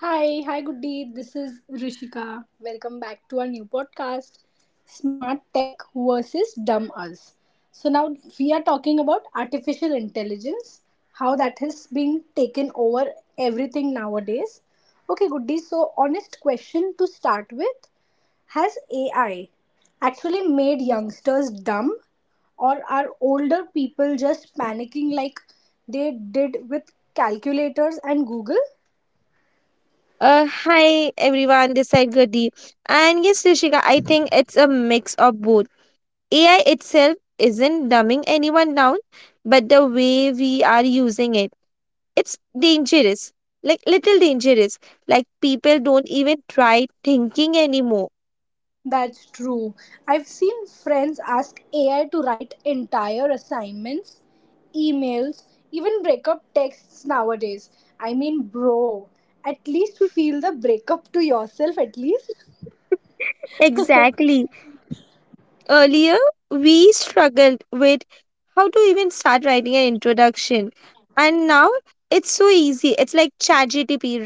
Hi, hi, goodie. This is Rishika. Welcome back to our new podcast, Smart Tech versus Dumb Us. So, now we are talking about artificial intelligence, how that has been taken over everything nowadays. Okay, goodie. So, honest question to start with. Has AI actually made youngsters dumb, or are older people just panicking like they did with calculators and Google? Hi everyone, this is Gadi. And yes, Rishika, I think it's a mix of both. AI itself isn't dumbing anyone down, but the way we are using it, it's dangerous. Like little dangerous. Like people don't even try thinking anymore. That's true. I've seen friends ask AI to write entire assignments, emails, even breakup texts nowadays. I mean, bro, at least feel the breakup to yourself, at least. Exactly. Earlier we struggled with how to even start writing an introduction, and now it's so easy. It's like, chat,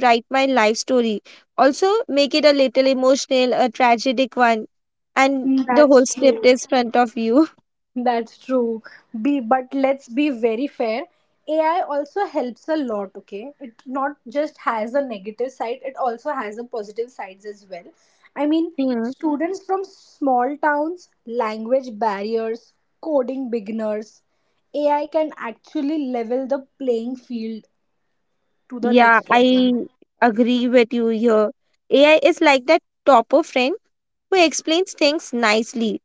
write my life story, also make it a little emotional, a tragic one, and Hmm. the whole That's script true. is front of you. That's true. Be but let's be very fair. AI also helps a lot, okay? It not just has a negative side, it also has a positive sides as well. I mean, Hmm. students from small towns, language barriers, coding beginners, AI can actually level the playing field to the Yeah, next level. I agree with you here. AI is like that topo friend who explains things nicely.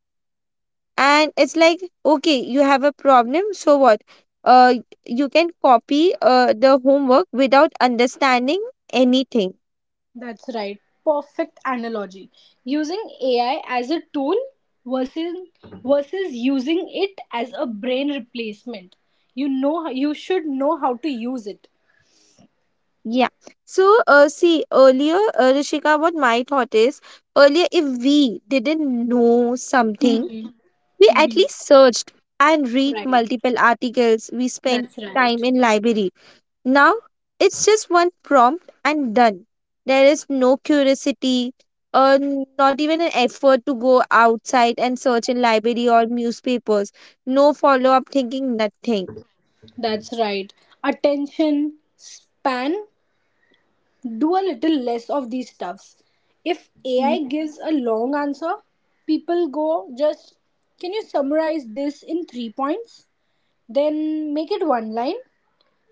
And it's like, okay, you have a problem, so what? uh you can copy the homework without understanding anything. That's right. Perfect analogy. Using AI as a tool versus versus using it as a brain replacement. You should know how to use it. Yeah, so see, earlier, Rishika, what my thought is: earlier, if we didn't know something, Hmm. we at Hmm. least searched and read Right. multiple articles. We spent That's time right. in library. Now it's just one prompt and done. There is no curiosity, or not even an effort to go outside and search in library or newspapers. No follow up thinking, nothing. That's right. Attention span. Do a little less of these stuffs. If AI Mhm. gives a long answer, people go just, can you summarize this in 3 points? Then make it one line.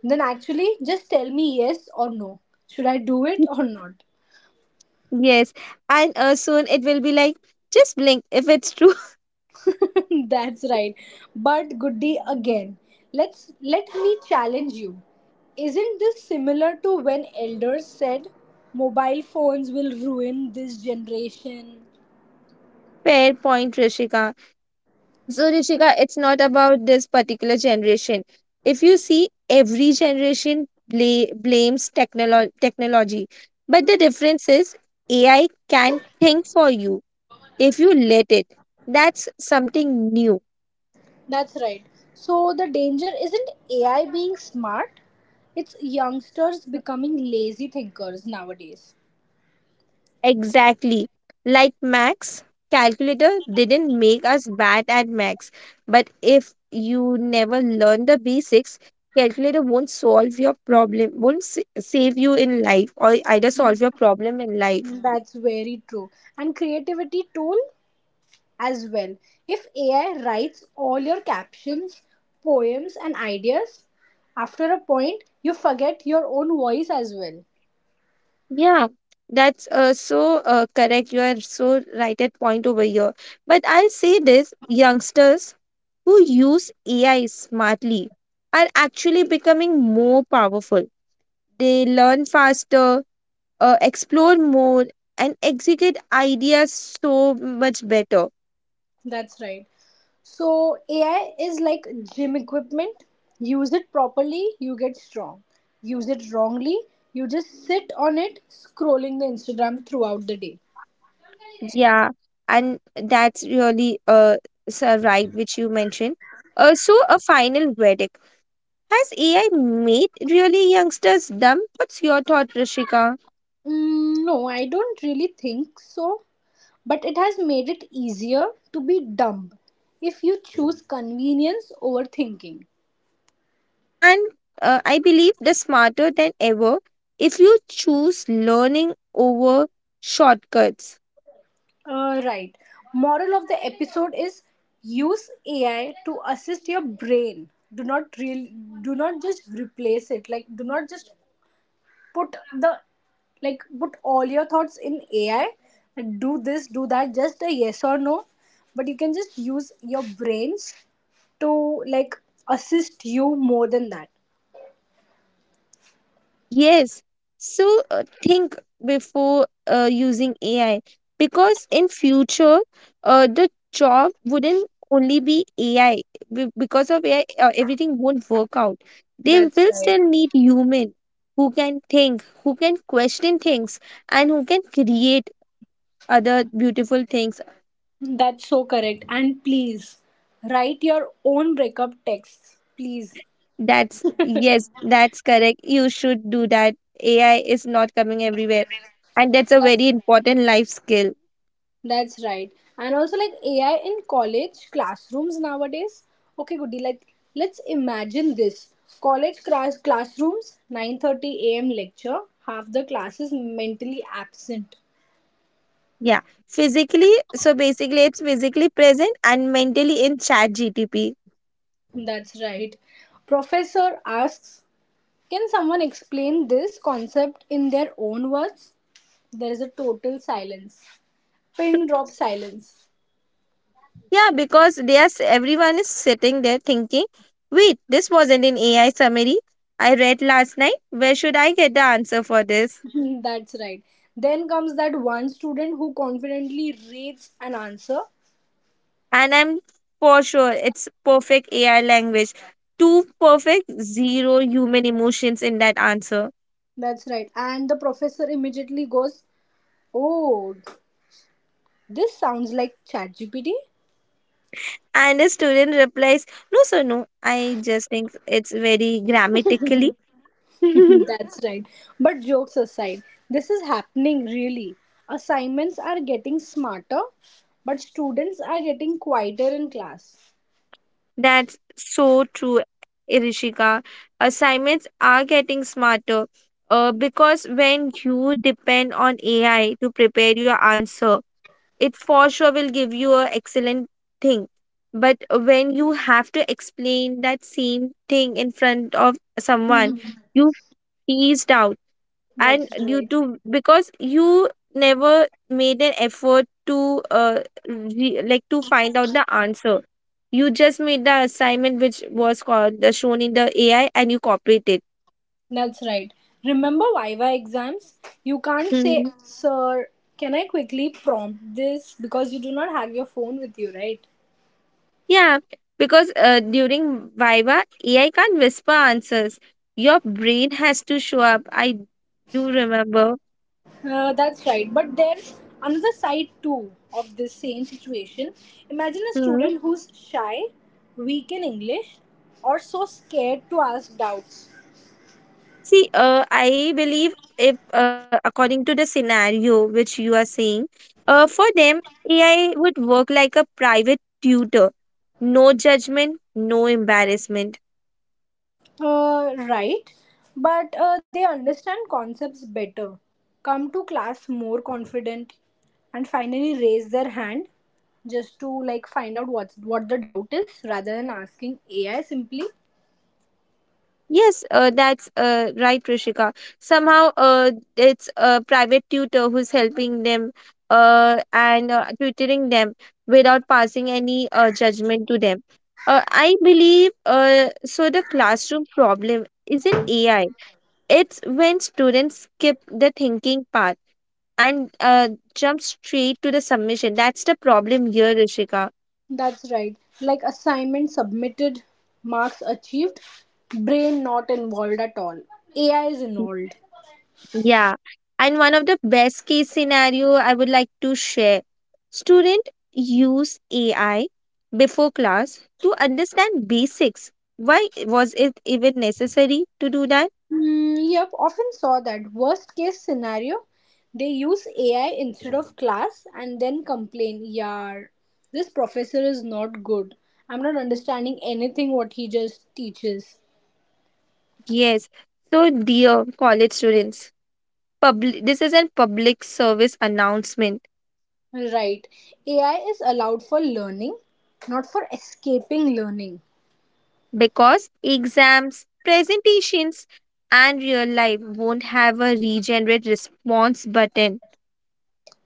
Then actually, just tell me yes or no. Should I do it or not? Yes, and soon it will be like, just blink if it's true. That's right. But Goody, again, let me challenge you. Isn't this similar to when elders said mobile phones will ruin this generation? Fair point, Rishika. So, Ruchika, it's not about this particular generation. If you see, every generation blames technology. But the difference is, AI can think for you if you let it. That's something new. That's right. So the danger isn't AI being smart, it's youngsters becoming lazy thinkers nowadays. Exactly. Like Max, calculator didn't make us bad at Max. But if you never learn the basics, calculator won't solve your problem, won't save you in life, or either solve your problem in life. Mm, that's very true. And creativity tool as well. If AI writes all your captions, poems, and ideas, after a point, you forget your own voice as well. Yeah, that's so correct. You are so right at point over here. But I'll say this, youngsters who use AI smartly are actually becoming more powerful. They learn faster, explore more, and execute ideas so much better. That's right. So, AI is like gym equipment. Use it properly, you get strong. Use it wrongly, you just sit on it scrolling the Instagram throughout the day. Yeah, and that's really so right which you mentioned. So, a final verdict. Has AI made really youngsters dumb? What's your thought, Rishika? Mm, no, I don't really think so, but it has made it easier to be dumb if you choose convenience over thinking. And I believe they're smarter than ever if you choose learning over shortcuts. Right. Moral of the episode is use AI to assist your brain. Do not just replace it. Like do not just put the, like, put all your thoughts in AI and do this do that, just a yes or no. But you can just use your brains to, like, assist you more than that. Yes. So think before using AI, because in future, the job wouldn't only be AI. Because of AI, everything won't work out. They That's will right. still need human who can think, who can question things, and who can create other beautiful things. That's so correct. And please write your own breakup texts, please. That's, yes, that's correct. You should do that. AI is not coming everywhere, and that's a That's very right. important life skill. That's right. And also like AI in college classrooms nowadays. Okay, goody. Like let's imagine this. College classrooms, 9:30 a.m. lecture, half the class is mentally absent. Yeah, physically, so basically it's physically present and mentally in chat GTP. That's right. Professor asks, "Can someone explain this concept in their own words?" There is a total silence. Pin drop silence. Yeah, because they are, everyone is sitting there thinking, wait, this wasn't in AI summary I read last night. Where should I get the answer for this? That's right. Then comes that one student who confidently reads an answer. And I'm for sure it's perfect AI language. Too perfect, zero human emotions in that answer. That's right. And the professor immediately goes, oh, this sounds like ChatGPT. And the student replies, no, sir, no. I just think it's very grammatically. That's right. But jokes aside, this is happening really. Assignments are getting smarter, but students are getting quieter in class. That's so true, Irishika. Assignments are getting smarter, because when you depend on AI to prepare your answer, it for sure will give you an excellent thing. But when you have to explain that same thing in front of someone, Mhm. you freeze out, That's and due right. to because you never made an effort to like to find out the answer. You just made the assignment which was called the shown in the AI, and you copied it. That's right. Remember Viva exams? You can't say, Hmm. sir, can I quickly prompt this? Because you do not have your phone with you, right? Yeah, because during viva, AI can't whisper answers. Your brain has to show up. I do remember. That's right. But there's another side too of this same situation. Imagine a student who's shy, weak in English, or so scared to ask doubts. See, I believe if, according to the scenario which you are saying, for them, AI would work like a private tutor. No judgment, no embarrassment. Right. But they understand concepts better, come to class more confident, and finally raise their hand just to, like, find out what the doubt is, rather than asking AI simply. Yes, that's right, Rishika. Somehow, it's a private tutor who's helping them and tutoring them without passing any judgment to them. I believe so. The classroom problem isn't AI. It's when students skip the thinking part and jump straight to the submission. That's the problem here, Rishika. That's right. Like assignment submitted, marks achieved, brain not involved at all. AI is involved. Yeah. And one of the best case scenario I would like to share. Student use AI before class to understand basics. Why was it even necessary to do that? Hmm. Yep, often saw that. Worst case scenario, they use AI instead of class and then complain, yar, this professor is not good. I'm not understanding anything what he just teaches. Yes. So, dear college students, public, this is a public service announcement. Right. AI is allowed for learning, not for escaping learning. Because exams, presentations, and real life won't have a regenerate response button.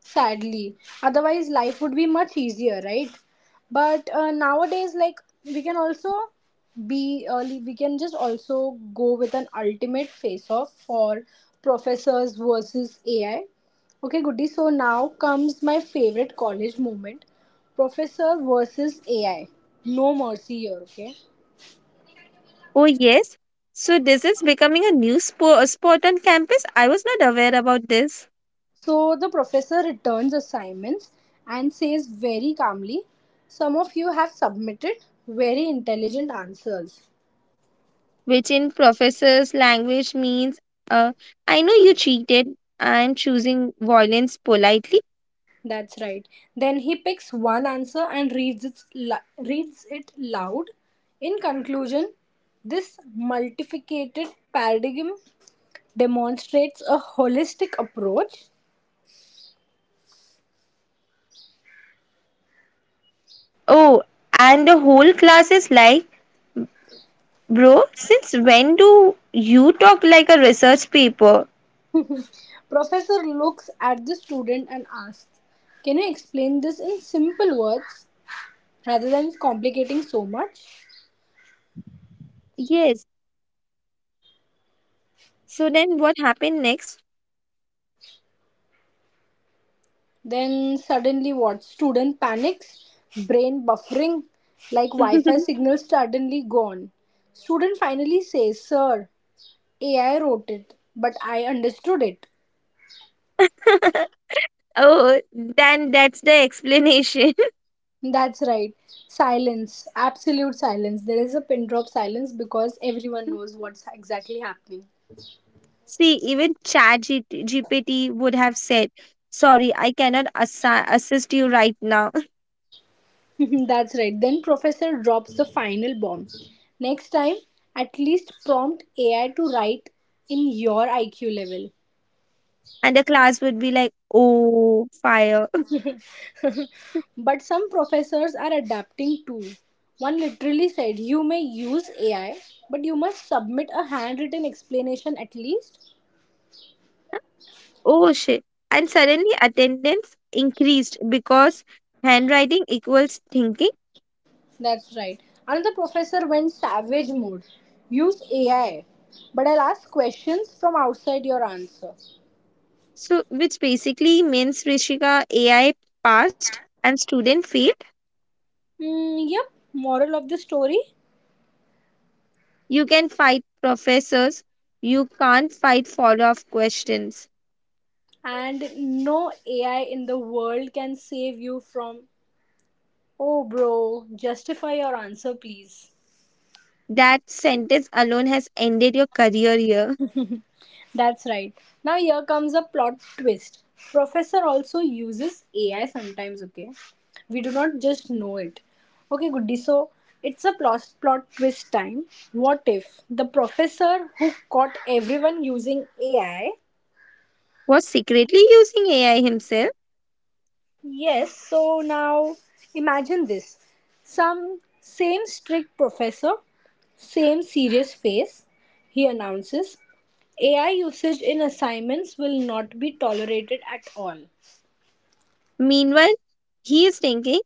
Sadly, otherwise life would be much easier, right? But nowadays, like, we can also be early, we can just also go with an ultimate face off for professors versus AI. Okay, goody. So now comes my favorite college moment, professor versus AI, no mercy here, okay? Oh, yes. So, this is becoming a new sport on campus. I was not aware about this, So the professor returns assignments and says very calmly, some of you have submitted very intelligent answers. which in professors' language means, uh, I know you cheated. I'm choosing violence politely. That's right. Then he picks one answer and reads it, reads it loud. In conclusion, this multiplicated paradigm demonstrates a holistic approach. Professor looks at the student and asks, "Can you explain this in simple words rather than complicating so much?" So then what happened next? Then suddenly, what? Student panics, brain buffering, like Wi Fi signal suddenly gone. Student finally says, sir, AI wrote it, but I understood it. Oh, then that's the explanation. That's right. Silence. Absolute silence. There is a pin drop silence because everyone knows what's exactly happening. See, even Chat GPT would have said, sorry, I cannot assist you right now. That's right. Then Professor drops the final bomb. Next time, at least prompt AI to write in your IQ level. And the class would be like, oh, fire. But some professors are adapting too. One literally said, you may use AI, but you must submit a handwritten explanation at least. Oh, shit. And suddenly attendance increased because handwriting equals thinking. That's right. Another professor went savage mode. Use AI, but I'll ask questions from outside your answer. So, which basically means, Rishika, AI passed and student failed. Mm, yep, moral of the story. You can fight professors, you can't fight follow up questions. And no AI in the world can save you from, oh bro, justify your answer, please. That sentence alone has ended your career here. That's right. Now here comes a plot twist. Professor also uses AI sometimes, okay? We do not just know it. Okay, goody. So it's a plot twist time. What if the professor who caught everyone using AI? Was secretly using AI himself. Yes, so now imagine this. Some same strict professor, same serious face, he announces AI usage in assignments will not be tolerated at all. Meanwhile, he is thinking,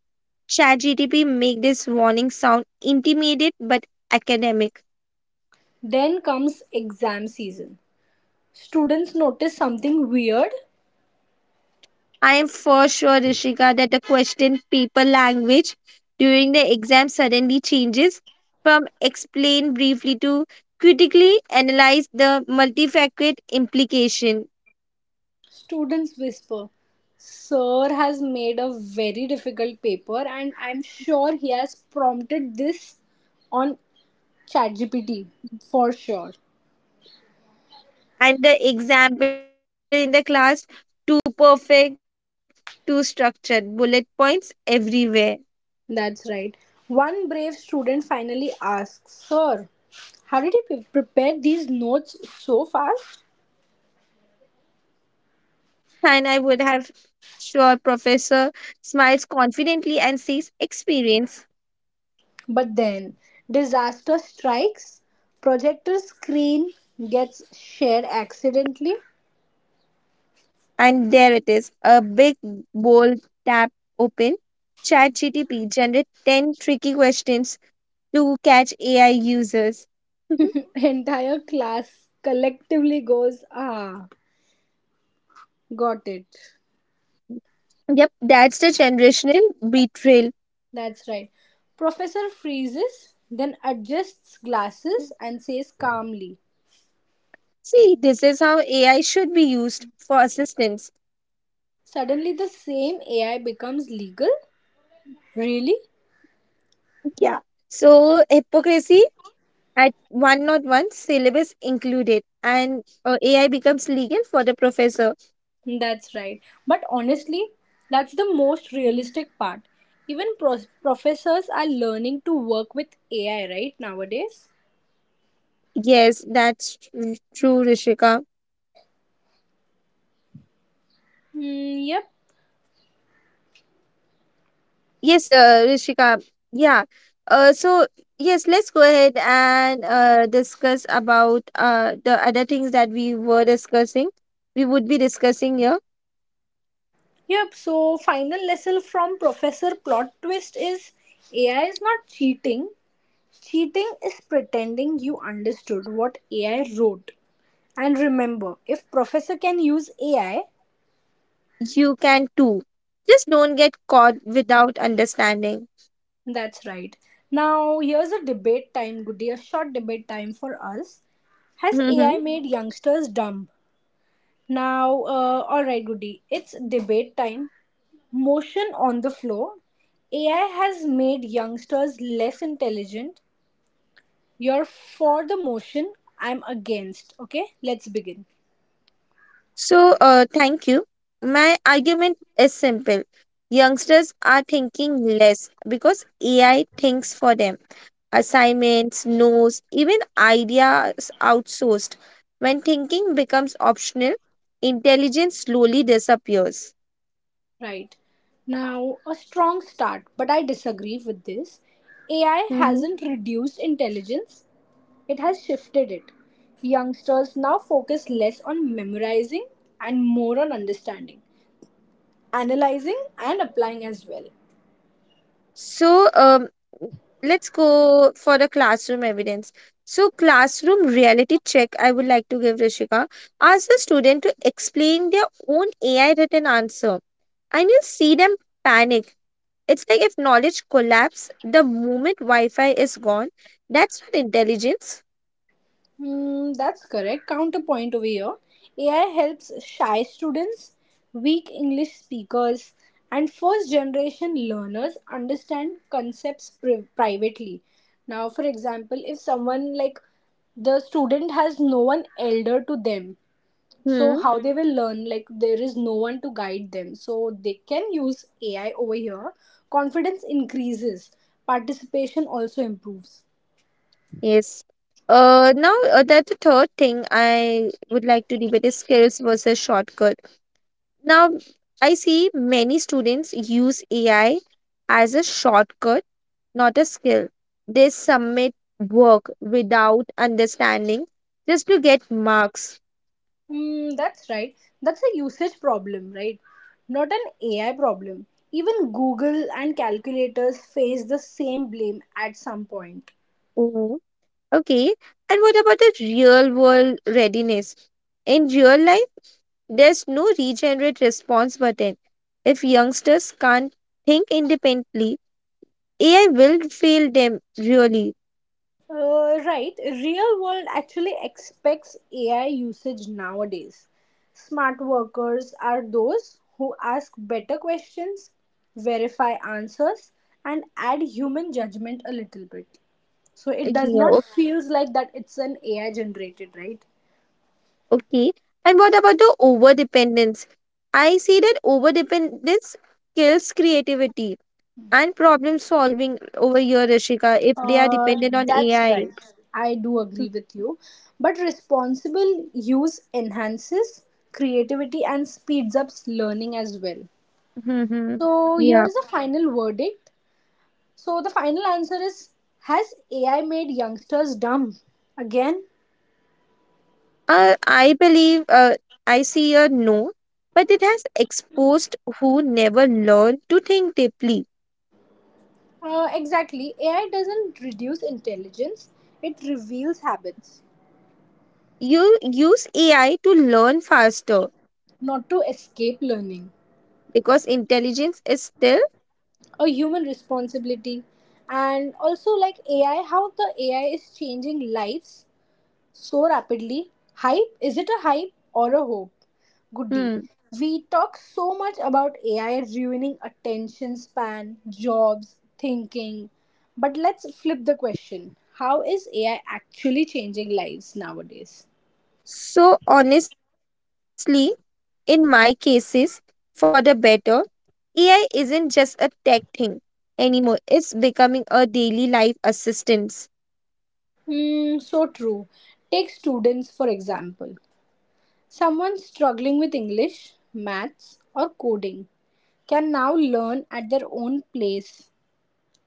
ChatGTP, make this warning sound intimate but academic. Then comes exam season. Students notice something weird. I am for sure, Rishika, that the question paper language during the exam suddenly changes from explain briefly to critically analyze the multifaceted implication. Students whisper, sir has made a very difficult paper, and I'm sure he has prompted this on ChatGPT for sure. And the example in the class, too perfect, too structured, bullet points everywhere. That's right. One brave student finally asks, sir, how did you prepare these notes so fast? And I would have sure professor smiles confidently and says experience. But then, disaster strikes, projector screen gets shared accidentally, And there it is, a big bold tab open, chat GTP generate 10 tricky questions to catch AI users. entire class collectively goes, ah, got it. Yep, that's the generational betrayal. That's right. Professor freezes, then adjusts glasses and says calmly, See, this is how AI should be used for assistance. suddenly, the same AI becomes legal? Really? Yeah. So hypocrisy at one, not one syllabus included, and AI becomes legal for the professor. That's right. But honestly, that's the most realistic part. Even professors are learning to work with AI, right, nowadays? Yes, that's true, Rishika. Mm, yep. Yes, Rishika. Yeah. So, yes, let's go ahead and discuss about the other things that we were discussing. We would be discussing here. Yep, so final lesson from Professor Plot Twist is AI is not cheating. Cheating is pretending you understood what AI wrote. And remember, if Professor can use AI, You can too. Just don't get caught without understanding. that's right. Now, here's a debate time, Goody, a short debate time for us. Has AI made youngsters dumb? Now, alright, Goody, it's debate time. Motion on the floor. AI has made youngsters less intelligent. You're for the motion, I'm against. Okay, let's begin. So, thank you. My argument is simple. Youngsters are thinking less because AI thinks for them. Assignments, notes, even ideas outsourced. When thinking becomes optional, intelligence slowly disappears. Right. Now, a strong start, but I disagree with this. AI Hmm. hasn't reduced intelligence, it has shifted it. Youngsters now focus less on memorizing and more on understanding, analyzing, and applying as well. So, let's go for the classroom evidence. So, classroom reality check I would like to give, Rishika. Ask the student to explain their own AI written answer, and you see them panic. It's like if knowledge collapse the moment Wi Fi is gone. That's not intelligence. Hmm, that's correct. Counterpoint over here. AI helps shy students, weak English speakers, and first generation learners understand concepts privately. Now, for example, if someone like the student has no one elder to them, so Hmm. how they will learn, like there is no one to guide them. So they can use AI over here. Confidence increases, participation also improves. Yes. Now, that the third thing I would like to debate is skills versus shortcut. Now, I see many students use AI as a shortcut, not a skill. They submit work without understanding, just to get marks. Mm, that's right. That's a usage problem, right? Not an AI problem. Even Google and calculators face the same blame at some point. Okay, and what about the real world readiness? In real life, there's no regenerate response button. If youngsters can't think independently, AI will fail them really. Right, real world actually expects AI usage nowadays. Smart workers are those who ask better questions, verify answers, and add human judgment a little bit. So it does Yeah, not feels like that it's an AI generated, right? okay. And what about the over dependence? I see that over dependence kills creativity and problem solving over here, Rishika, if they are Uh, dependent on that's AI. right. I do agree with you. But responsible use enhances creativity and speeds up learning as well. Mhm. Mhm. So, here Yeah. is a final verdict. So, the final answer is, has AI made youngsters dumb? Again, I believe, I see a no, but it has exposed who never learn to think deeply. Exactly. AI doesn't reduce intelligence, it reveals habits, You use AI to learn faster not to escape learning, because intelligence is still. a human responsibility. And also, like AI, how the AI is changing lives so rapidly. Hype, is it a hype or a hope? Goody. Hmm. We talk so much about AI ruining attention span, jobs, thinking. But let's flip the question. How is AI actually changing lives nowadays? So, honestly, in my cases, for the better, AI isn't just a tech thing anymore, it's becoming a daily life assistant. Hmm, so true. Take students for example. Someone struggling with English, maths, or coding can now learn at their own place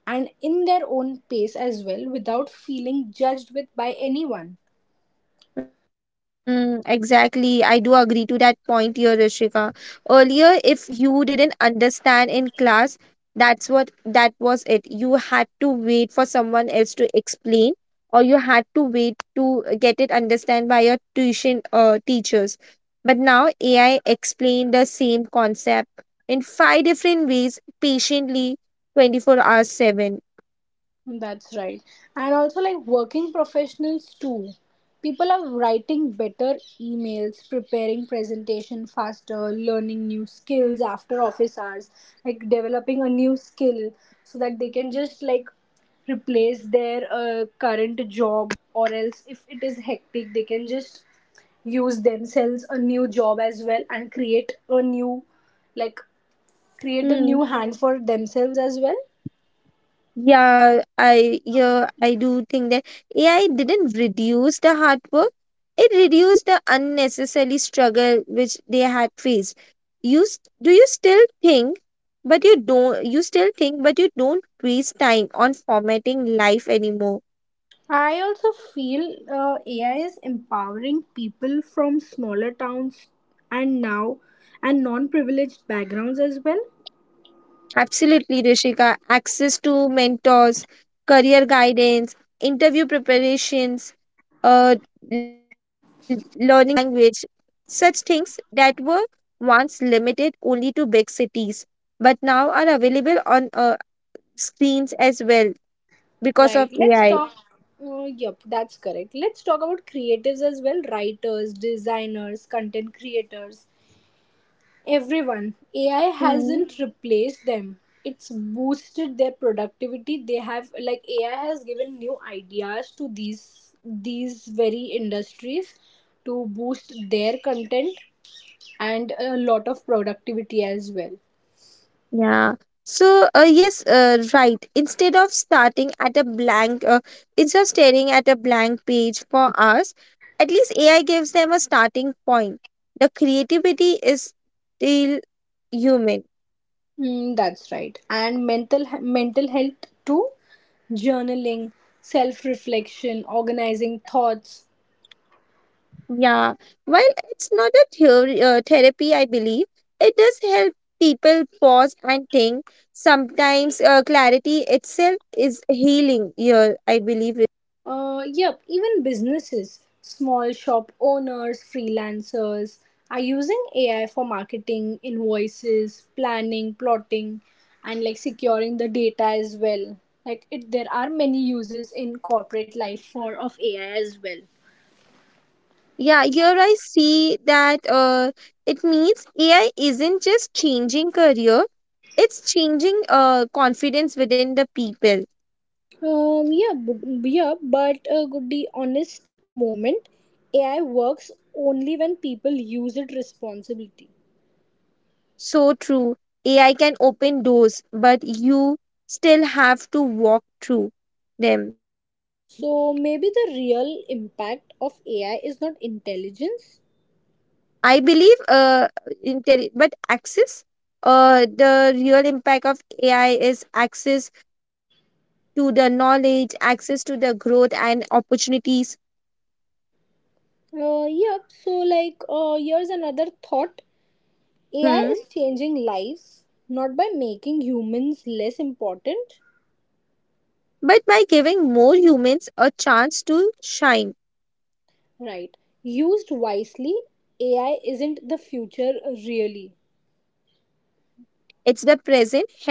and in their own pace as well, without feeling judged with by anyone. Mm, exactly. I do agree to that point here, Rishika. Earlier, if you didn't understand in class, that's what that was it. You had to wait for someone else to explain, or you had to wait to get it understand by your tuition teachers. But now AI explained the same concept in five different ways, patiently, 24 hours 7. That's right. And also like working professionals too, people are writing better emails, preparing presentation faster, learning new skills after office hours, like developing a new skill so that they can just, like, replace their current job, or else if it is hectic they can just use themselves a new job as well and create a new, like, create a Hmm. new hand for themselves as well. Yeah, I do think that AI didn't reduce the hard work. It reduced the unnecessary struggle which they had faced. Do you still think, but you don't you still think, but you don't waste time on formatting life anymore. I also feel AI is empowering people from smaller towns and now and non-privileged backgrounds as well. Absolutely, Rishika. Access to mentors, career guidance, interview preparations, uh, learning new language, such things that were once limited only to big cities, but now are available on screens as well because of Right. Let's AI. talk. Yep, that's correct. Let's talk about creatives as well. Writers, designers, content creators. Everyone, AI hasn't replaced them, it's boosted their productivity. They have, like, AI has given new ideas to these very industries to boost their content and a lot of productivity as well. Yeah. So, yes, right. Instead of staring at a blank page for us. At least AI gives them a starting point. The creativity is still human. Mm, that's right. And mental mental health too, journaling, self reflection, organizing thoughts. Yeah. While it's not a therapy, I believe, it does help people pause and think. Sometimes clarity itself is healing here, I believe. Yep, even businesses, small shop owners, freelancers are using AI for marketing, invoices, planning, plotting, and like securing the data as well. Like it, there are many uses in corporate life for of AI as well. Yeah, here I see that it means AI isn't just changing career, it's changing confidence within the people. Yeah, yeah, but good the honest moment, AI works only when people use it responsibly. So true. AI can open doors, but you still have to walk through them. So maybe the real impact of AI is not intelligence. I believe, but access, the real impact of AI is access to the knowledge, access to the growth and opportunities. Yep. So, like, here's another thought, Hmm. AI is changing lives, not by making humans less important, But by giving more humans a chance to shine. right? Used wisely, AI isn't the future, really. It's the present helping people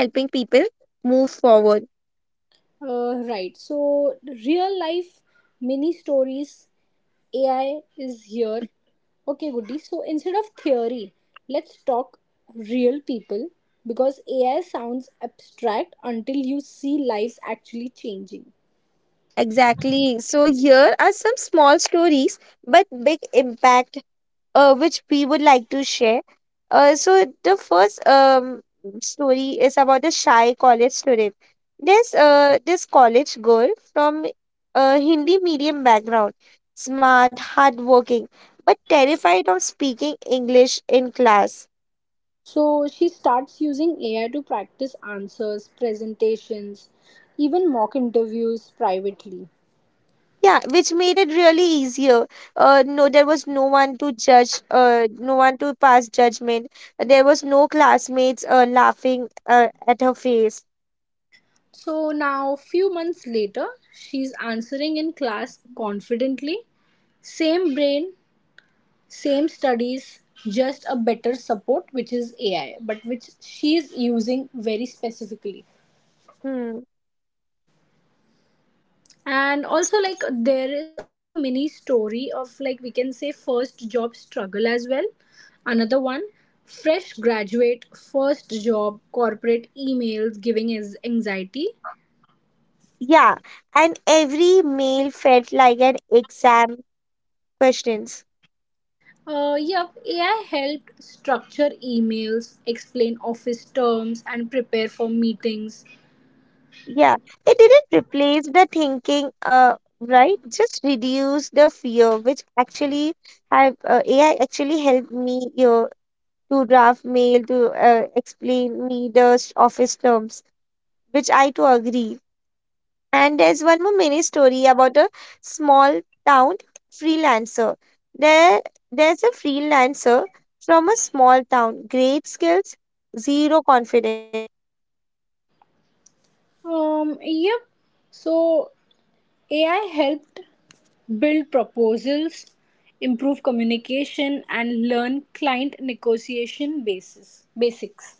move forward. Right. So, real life mini stories, AI is here. Okay, goody. So, instead of theory, let's talk real people, because AI sounds abstract until you see lives actually changing. Exactly. So, here are some small stories but big impact, which we would like to share. So, the first, story is about a shy college student. This college girl from a Hindi medium background, smart, hardworking, but terrified of speaking English in class. So she starts using AI to practice answers, presentations, even mock interviews privately. Yeah, which made it really easier. No, there was no one to judge, no one to pass judgment. There was no classmates laughing at her face. So now few months later, she's answering in class confidently. Same brain, same studies, just a better support which is AI, but which she's using very specifically. Hmm. And also like there is a mini story of, like, we can say first job struggle as well. Another one, fresh graduate first job, corporate emails giving is anxiety. Yeah, and every meal felt like an exam questions. Yep, AI helped structure emails, explain office terms, and prepare for meetings. Yeah, it didn't replace the thinking, right? Just reduce the fear, which actually have AI actually helped me to draft mail to explain me the office terms. Which I too agree. And there's one more mini story about a small town freelancer. There, there's a freelancer from a small town, great skills, zero confidence. Yep, so AI helped build proposals, improve communication, and learn client negotiation basis basics.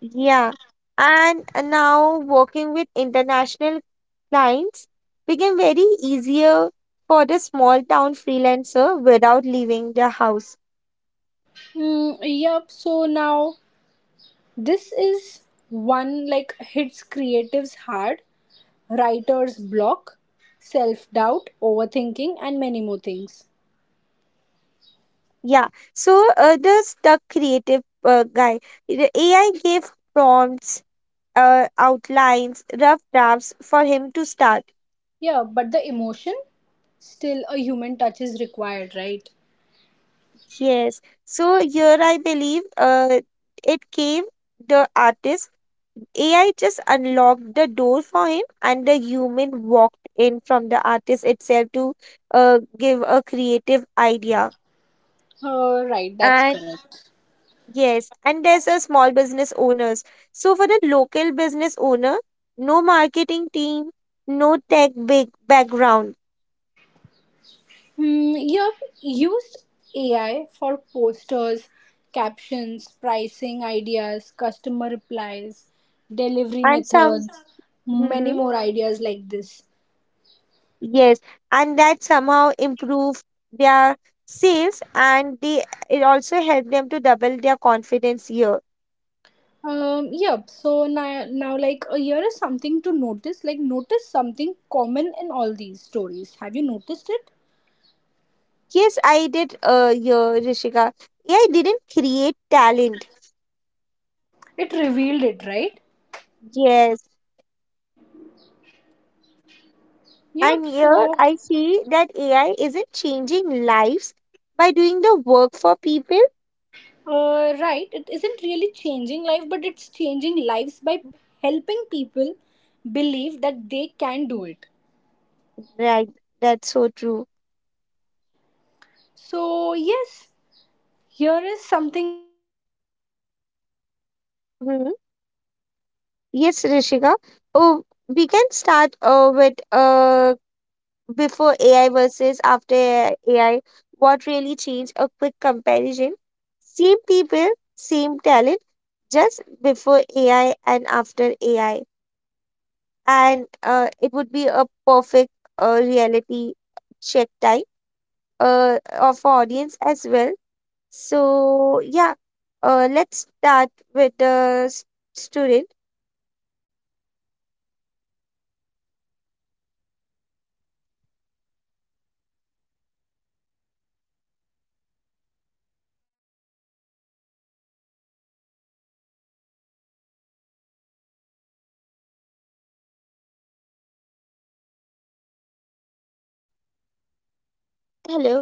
Yeah, and now working with international clients became very easier for the small town freelancer without leaving the house. Mm, yep. So now this is one, like, hits creatives hard, writers block, self doubt, overthinking, and many more things. Yeah, so the stuck creative guy, the AI gave prompts, outlines, rough drafts for him to start. Yeah, but the emotion, still a human touch is required, right? Yes. So here I believe, it gave the artist AI just unlocked the door for him, and the human walked in from the artist itself to give a creative idea. Right. That's And correct. yes, and there's business owners. So for the local business owner, no marketing team, no tech big background, Hmm, you have used AI for posters, captions, pricing ideas, customer replies, delivery and some. methods, many more ideas like this. Yes, and that somehow improve their sales, and they it also help them to double their confidence here. Yep, so now, now, like, here is something to notice, like, notice something common in all these stories. Have you noticed it? Yes, I did here, Rishika. AI didn't create talent. It revealed it, right? Yes. And Yep, here so. I see that AI isn't changing lives by doing the work for people. Right, it isn't really changing life, but it's changing lives by helping people believe that they can do it. Right, that's so true. Hmm. Yes, Rishika. Oh, we can start with before AI versus after AI, what really changed? A quick comparison. Same people, same talent, just before AI and after AI. And it would be a perfect reality check time of audience as well. So, yeah, let's start with the student. Hello.